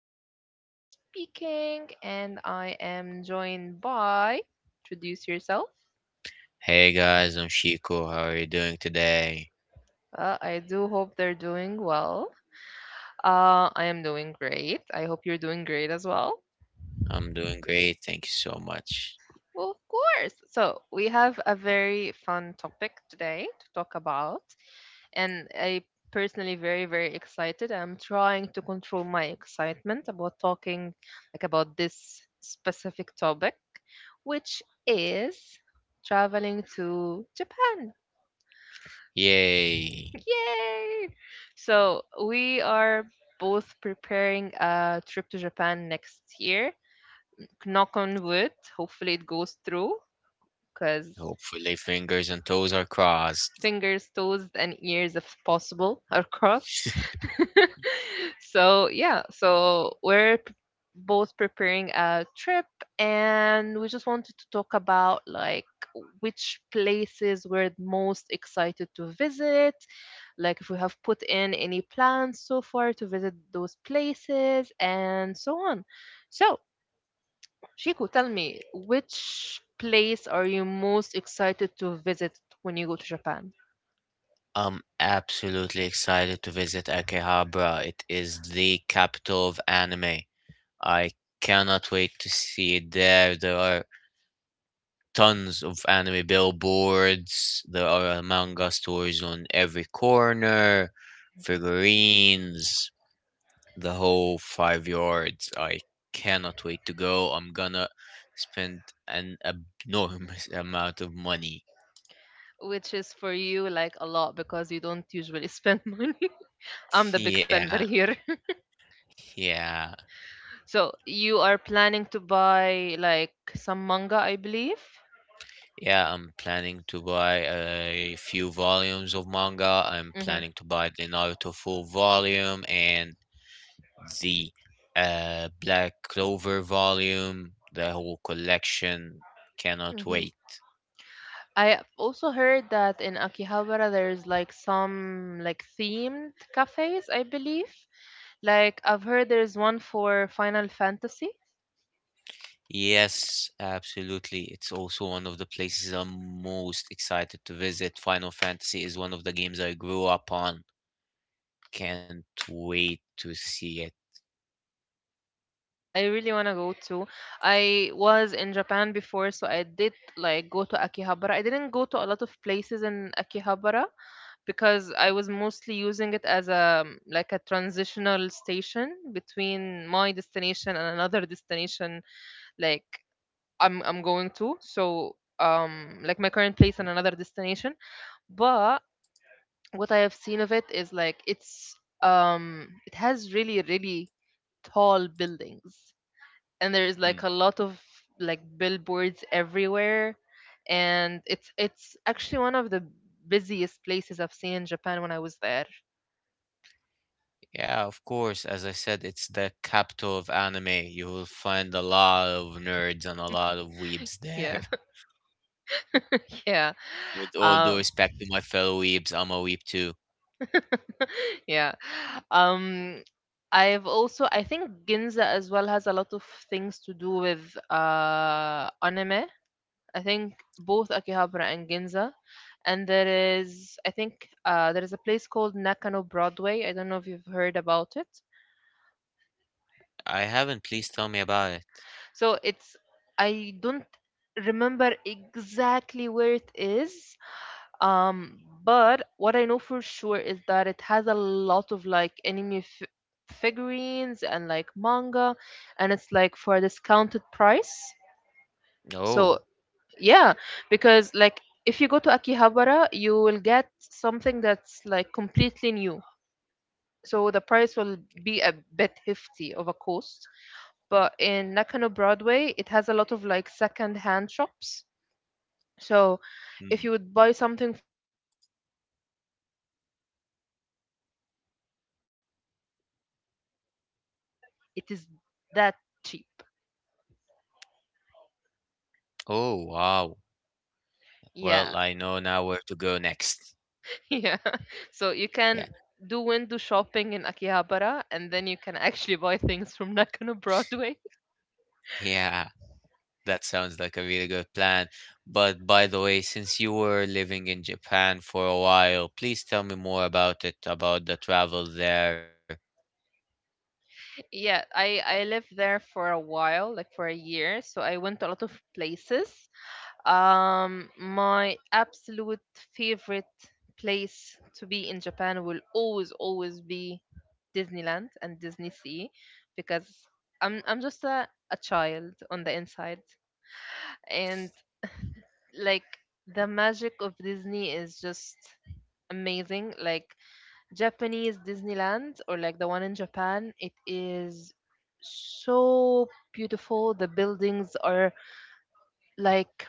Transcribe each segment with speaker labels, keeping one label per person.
Speaker 1: Merit speaking, and I am joined by. Introduce yourself.
Speaker 2: Hey guys, I'm Chico. How are you doing today?
Speaker 1: I do hope they're doing well. I am doing great. I hope you're doing great as well.
Speaker 2: I'm doing great, thank you so much.
Speaker 1: Well, of course. So, we have a very fun topic today to talk about. And I personally very very excited. I'm trying to control my excitement about talking about this specific topic, which is traveling to Japan.
Speaker 2: Yay!
Speaker 1: Yay! So we are both preparing a trip to Japan next year. Knock on wood. Hopefully it goes through because
Speaker 2: Hopefully, fingers and toes are crossed.
Speaker 1: fingers, toes, and ears, if possible, are crossed. So both preparing a trip, and we just wanted to talk about like which places we're most excited to visit, like if we have put in any plans so far to visit those places, and so on. So, Shiku, tell me, which place are you most excited to visit when you go to Japan?
Speaker 2: I'm absolutely excited to visit Akihabara. It is the capital of anime. I cannot
Speaker 1: Okay.
Speaker 2: wait to
Speaker 1: So,
Speaker 2: see it there.
Speaker 1: like,
Speaker 2: There
Speaker 1: have
Speaker 2: are
Speaker 1: you researched anything
Speaker 2: tons
Speaker 1: about
Speaker 2: of anime
Speaker 1: Akihabara? Have you seen how it
Speaker 2: billboards, there
Speaker 1: looks?
Speaker 2: are
Speaker 1: What are you
Speaker 2: manga
Speaker 1: most excited
Speaker 2: stores on
Speaker 1: about?
Speaker 2: every corner, figurines. The whole five yards. I cannot wait to go. I'm gonna spend an abnormous amount of money.
Speaker 1: Which is for you, like, a lot because you don't usually spend money. I'm the big
Speaker 2: Yeah,
Speaker 1: spender here.
Speaker 2: yeah,
Speaker 1: So, you are planning to buy, like, some manga, I believe.
Speaker 2: yeah. I'm planning to buy a few volumes of manga. I'm
Speaker 1: hmm
Speaker 2: planning to buy the Naruto full volume and the Black Clover volume, the whole collection. Cannot
Speaker 1: hmm
Speaker 2: wait.
Speaker 1: I also heard that in Akihabara there's like some like themed cafes, I believe. Like I've heard there's one for Final Fantasy.
Speaker 2: Yes, absolutely. It's also one of the places I'm most excited to visit. Final Fantasy is one of the games I grew up on. Can't wait to see it.
Speaker 1: Yeah, I really want to go too. I was in Japan before, so I did like go to Akihabara. I didn't go to a lot of places in Akihabara because I was mostly using it as a like a transitional station between my destination and another destination like I'm going to. So like my current place
Speaker 2: Mm,
Speaker 1: and another destination. But what I have seen of it is like it's it has really tall buildings and there's
Speaker 2: mm.
Speaker 1: like a lot of like billboards everywhere and it's actually one of the busiest places I've seen in Japan when I was there.
Speaker 2: Yeah, of course. As I said, it's the capital of anime. You will find a lot of nerds and a lot of weebs
Speaker 1: Yeah.
Speaker 2: there.
Speaker 1: yeah.
Speaker 2: With all due
Speaker 1: Uh,
Speaker 2: respect to my fellow weebs, I'm a weeb too.
Speaker 1: yeah. Um I've also I think Ginza as well has a lot of things to do with anime. I think both Akihabara and Ginza. And there is I think there is a place called Nakano Broadway. I don't know if you've heard about it.
Speaker 2: I haven't. Please tell me about it.
Speaker 1: So it's I don't remember exactly where it is. But what I know for sure is that it has a lot of like figurines and like manga, and it's like for a discounted price. So
Speaker 2: Oh.
Speaker 1: yeah, because like if you go to Akihabara, you will get something that's like completely new. So the price will be a bit hefty, of a course, but in Nakano Broadway, it has a lot of like second-hand shops. So
Speaker 2: Mm.
Speaker 1: if you would buy something for like 1,000 yen in Akihabara, you can find it for like 50 yen in Nakano Broadway. It is that cheap.
Speaker 2: Oh, wow.
Speaker 1: Yeah,
Speaker 2: Well, I know now where to go next.
Speaker 1: yeah. So you can
Speaker 2: Yeah.
Speaker 1: do window shopping in Akihabara and then you can actually buy things from Nakano Broadway.
Speaker 2: Yeah, that sounds like a really good plan. But by the way, since you were living in Japan for a while, please tell me more about it, about the travel there.
Speaker 1: Yeah, I lived there for a while, like for a year, so I went to a lot of places. My absolute favorite place to be in Japan will always, always be Disneyland and Disney Sea because I'm just a child on the inside. And like the magic of Disney is just amazing. Like Japanese Disneyland or like the one in Japan, it is so beautiful. The buildings are like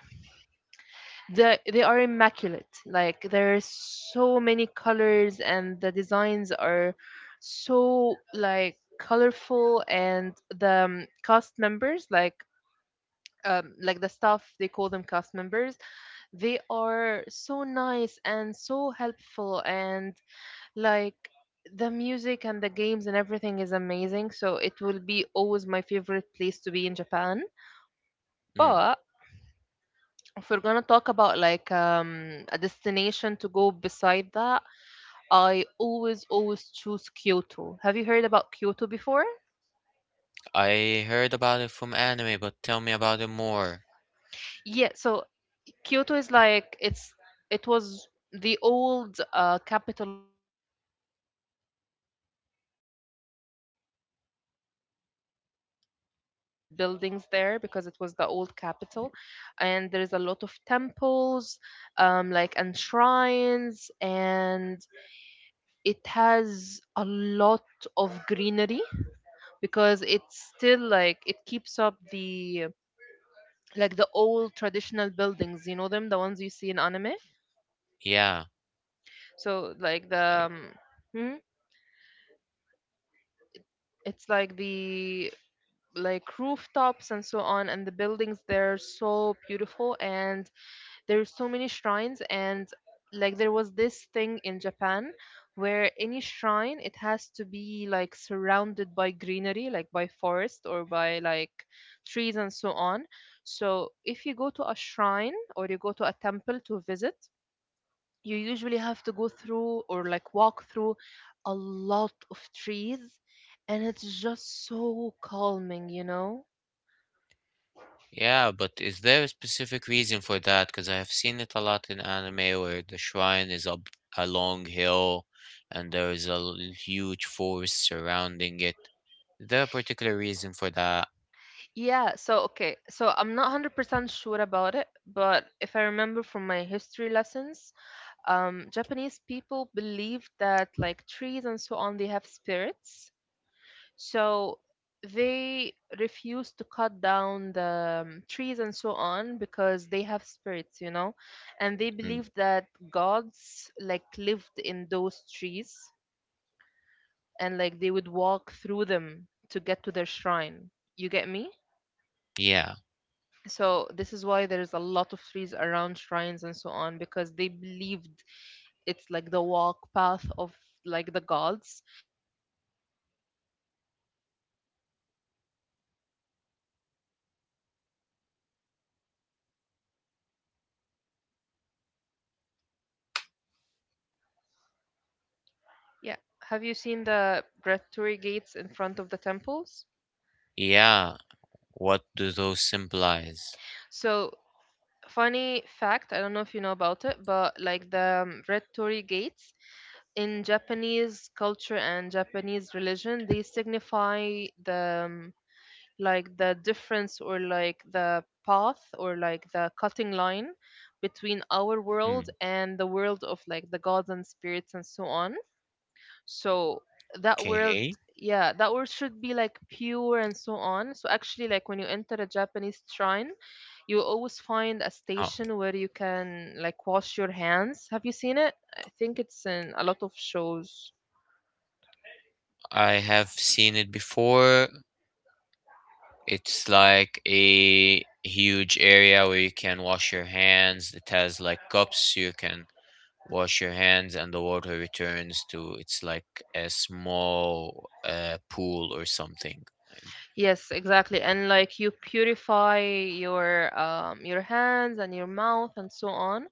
Speaker 1: they are immaculate like there are so many colors and the designs are so like colorful and the cast members like the staff they call them cast members they are so nice and so helpful and like the music and the games and everything is amazing so it will be always my favorite place to be in japan
Speaker 2: Mm,
Speaker 1: but if we're gonna talk about like a destination to go beside that, I always always choose Kyoto. Have you heard about Kyoto before?
Speaker 2: I heard about it from anime, but tell me about it more.
Speaker 1: Yeah, so Kyoto is like it's it was the old capital of Japan. So there's a lot. So there's like a lot of buildings there because it was the old capital, and there's a lot of temples, like and shrines and it has a lot of greenery because it's still like it keeps up the like the old traditional buildings you know them the ones you see in anime
Speaker 2: Yeah,
Speaker 1: so like the hmm? it's like the like rooftops and so on and the buildings they're so beautiful and there's so many shrines and like there was this thing in Japan where any shrine it has to be like surrounded by greenery like by forest or by like trees and so on so if you go to a shrine or you go to a temple to visit you usually have to go through or like walk through a lot of trees and it's just so calming you know.
Speaker 2: yeah, but is there a specific reason for that? Because I have seen it a lot in anime where the shrine is up a long hill and there is huge forest surrounding it. Is there a particular reason for that?
Speaker 1: Yeah, so okay, so I'm not 100% sure about it, but if I remember from my history lessons, Japanese people believe that like trees and so on, they have spirits. So they refuse to cut down the trees and so on because they have spirits, you know, and they
Speaker 2: Mm,
Speaker 1: believe that gods like lived in those trees and like they would walk through them to get to their shrine. You get me?
Speaker 2: yeah.
Speaker 1: So this is why there is a lot of trees around shrines and so on because they believed it's like the walk path of like the gods. And actually have you seen the torii gates like the red ones? So yeah, have you seen the red torii gates in front of the temples?
Speaker 2: Yeah, what do those symbolize?
Speaker 1: So funny fact I don't know if you know about it but like the red torii gates in japanese culture and japanese religion they signify the like the difference or like the path or like the cutting line between our world and the world of like the gods and spirits and so on so that
Speaker 2: Okay.
Speaker 1: world yeah that world should be like pure and so on so actually like when you enter a japanese shrine you will always find
Speaker 2: Oh,
Speaker 1: a station where you can like wash your hands have you seen it I think it's in a lot of shows.
Speaker 2: I have seen it before. It's like a huge area where you can wash your hands. It has like cups you can wash your hands, and the water returns to it's like a small pool or something.
Speaker 1: Yes, exactly. And like you purify your hands and your mouth and so on.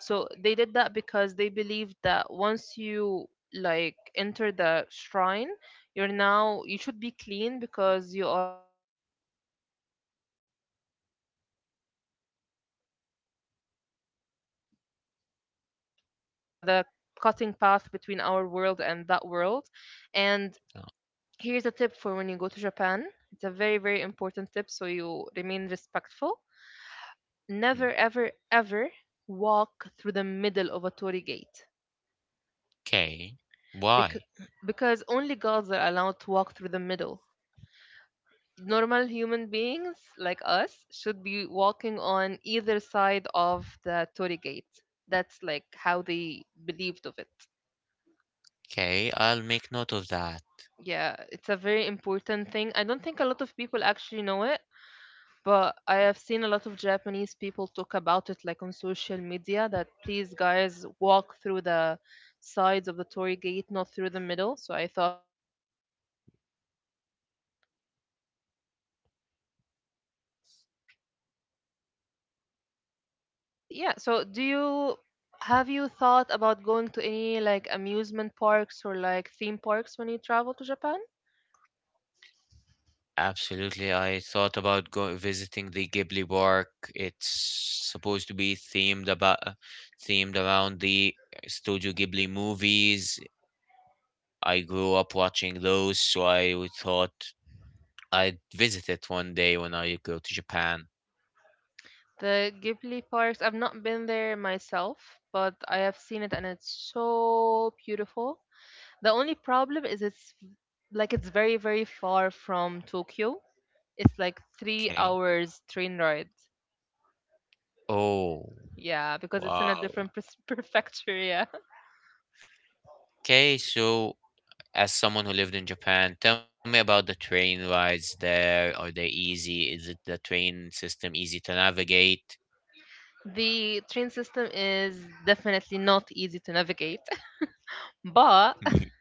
Speaker 1: So they did that because they believed that once you like enter the shrine, you're now you should be clean because you are in the presence of the gods and so on. And yeah, so basically the Torii gates are the like are the cutting path between our world and that world. And here's a tip for when you go to Japan. It's a very, very important tip so you remain respectful. Never, ever, ever walk through the middle of a torii gate
Speaker 2: Okay.
Speaker 1: because,
Speaker 2: Why?
Speaker 1: because only gods are allowed to walk through the middle. Normal human beings like us should be walking on either side of the torii gate. That's like how they believed of it.
Speaker 2: Okay, I'll make note of that.
Speaker 1: Yeah, it's a very important thing. I don't think a lot of people actually know it. But I have seen a lot of Japanese people talk about it like on social media that please guys walk through the sides of the Torii gate, not through the middle. So I thought it was a good idea to tell you about it. And yeah, so do you have you thought about going to any like amusement parks or like theme parks when you travel to Japan?
Speaker 2: Absolutely. I thought about go visiting the Ghibli Park. It's supposed to be themed about themed around the Studio Ghibli movies. I grew up watching those, so I would thought I'd visit it one day when I go to Japan.
Speaker 1: The Ghibli parks, I've not been there myself, but I have seen it and it's so beautiful. The only problem is it's like it's very, very far from Tokyo. It's like three
Speaker 2: Okay.
Speaker 1: hours train ride.
Speaker 2: Oh,
Speaker 1: Yeah, because it's in a
Speaker 2: wow.
Speaker 1: different prefecture. Yeah.
Speaker 2: Okay, so as someone who lived in Japan, tell me about the train rides there. Are they easy? Is it the train system easy to navigate?
Speaker 1: The train system is definitely not easy to navigate, but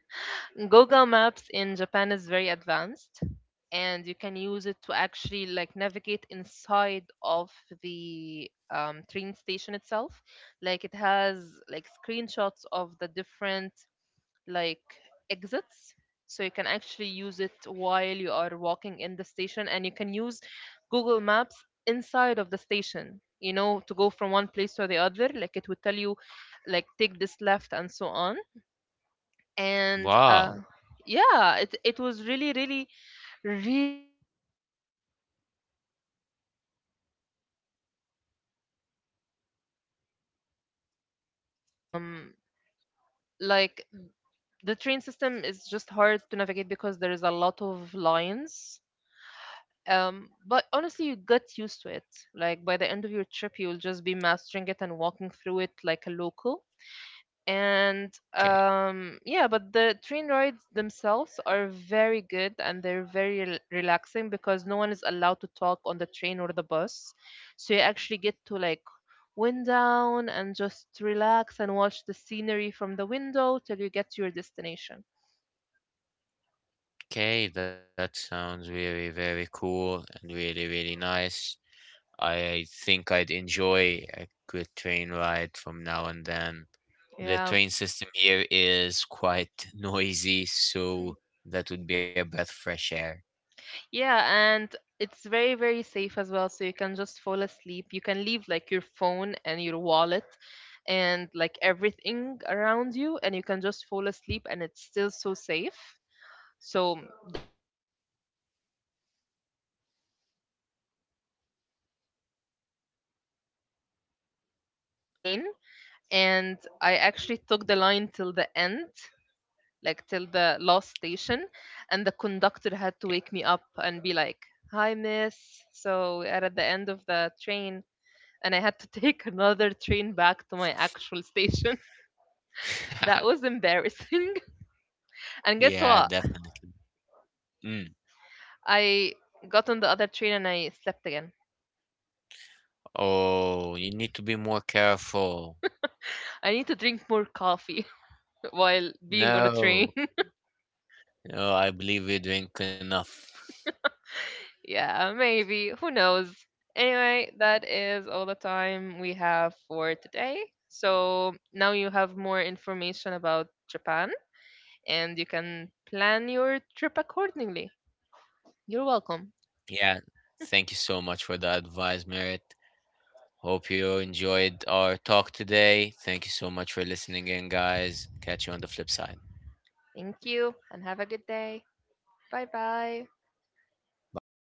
Speaker 1: Google Maps in Japan is very advanced and you can use it to actually like navigate inside of the train station itself like it has like screenshots of the different like exits so you can actually use it while you are walking in the station and you can use google maps inside of the station you know to go from one place to the other like it would tell you like take this left and so on and
Speaker 2: Wow.
Speaker 1: yeah it was really really helpful when I was there because I used to get lost a lot so that's another tip and like the train system is just hard to navigate because there is a lot of lines. But honestly, you get used to it. Like by the end of your trip, you'll just be mastering it and walking through it like a local. And
Speaker 2: Okay.
Speaker 1: yeah, but the train rides themselves are very good and they're very relaxing because no one is allowed to talk on the train or the bus. So you actually get to like wind down and just relax and watch the scenery from the window till you get to your destination.
Speaker 2: Okay, that sounds really, very cool and really, really nice. I think I'd enjoy a good train ride from now and then. The
Speaker 1: Yeah.
Speaker 2: train system here is quite noisy, so that would be a breath of fresh air.
Speaker 1: Yeah, and it's very, very safe as well. So you can just fall asleep. You can leave like your phone and your wallet and like everything around you, and you can just fall asleep, and it's still so safe. So that's another bonus. I used to sleep a lot on the trains. One time, I one time I fell asleep on the train, and I actually took the line till the end, like till the last station and the conductor had
Speaker 2: Okay.
Speaker 1: to wake me up and be like hi miss so we're at the end of the train and I had to take another train back to my actual station. That was embarrassing. And guess
Speaker 2: Yeah,
Speaker 1: what,
Speaker 2: definitely. Mm.
Speaker 1: I got on the other train and I slept again.
Speaker 2: Oh, you need to be more careful.
Speaker 1: I need to drink more coffee while being on a train.
Speaker 2: No, no, I believe we drink enough.
Speaker 1: Yeah, maybe. Who knows? Anyway, that is all the time we have for today. So now you have more information about Japan and you can plan your trip accordingly. You're welcome.
Speaker 2: Yeah, thank you so much for the advice, Merit. Hope you enjoyed our talk today. Thank you so much for listening in, guys. Catch you on the flip side.
Speaker 1: Thank you and have a good day. Bye bye.
Speaker 2: Bye bye.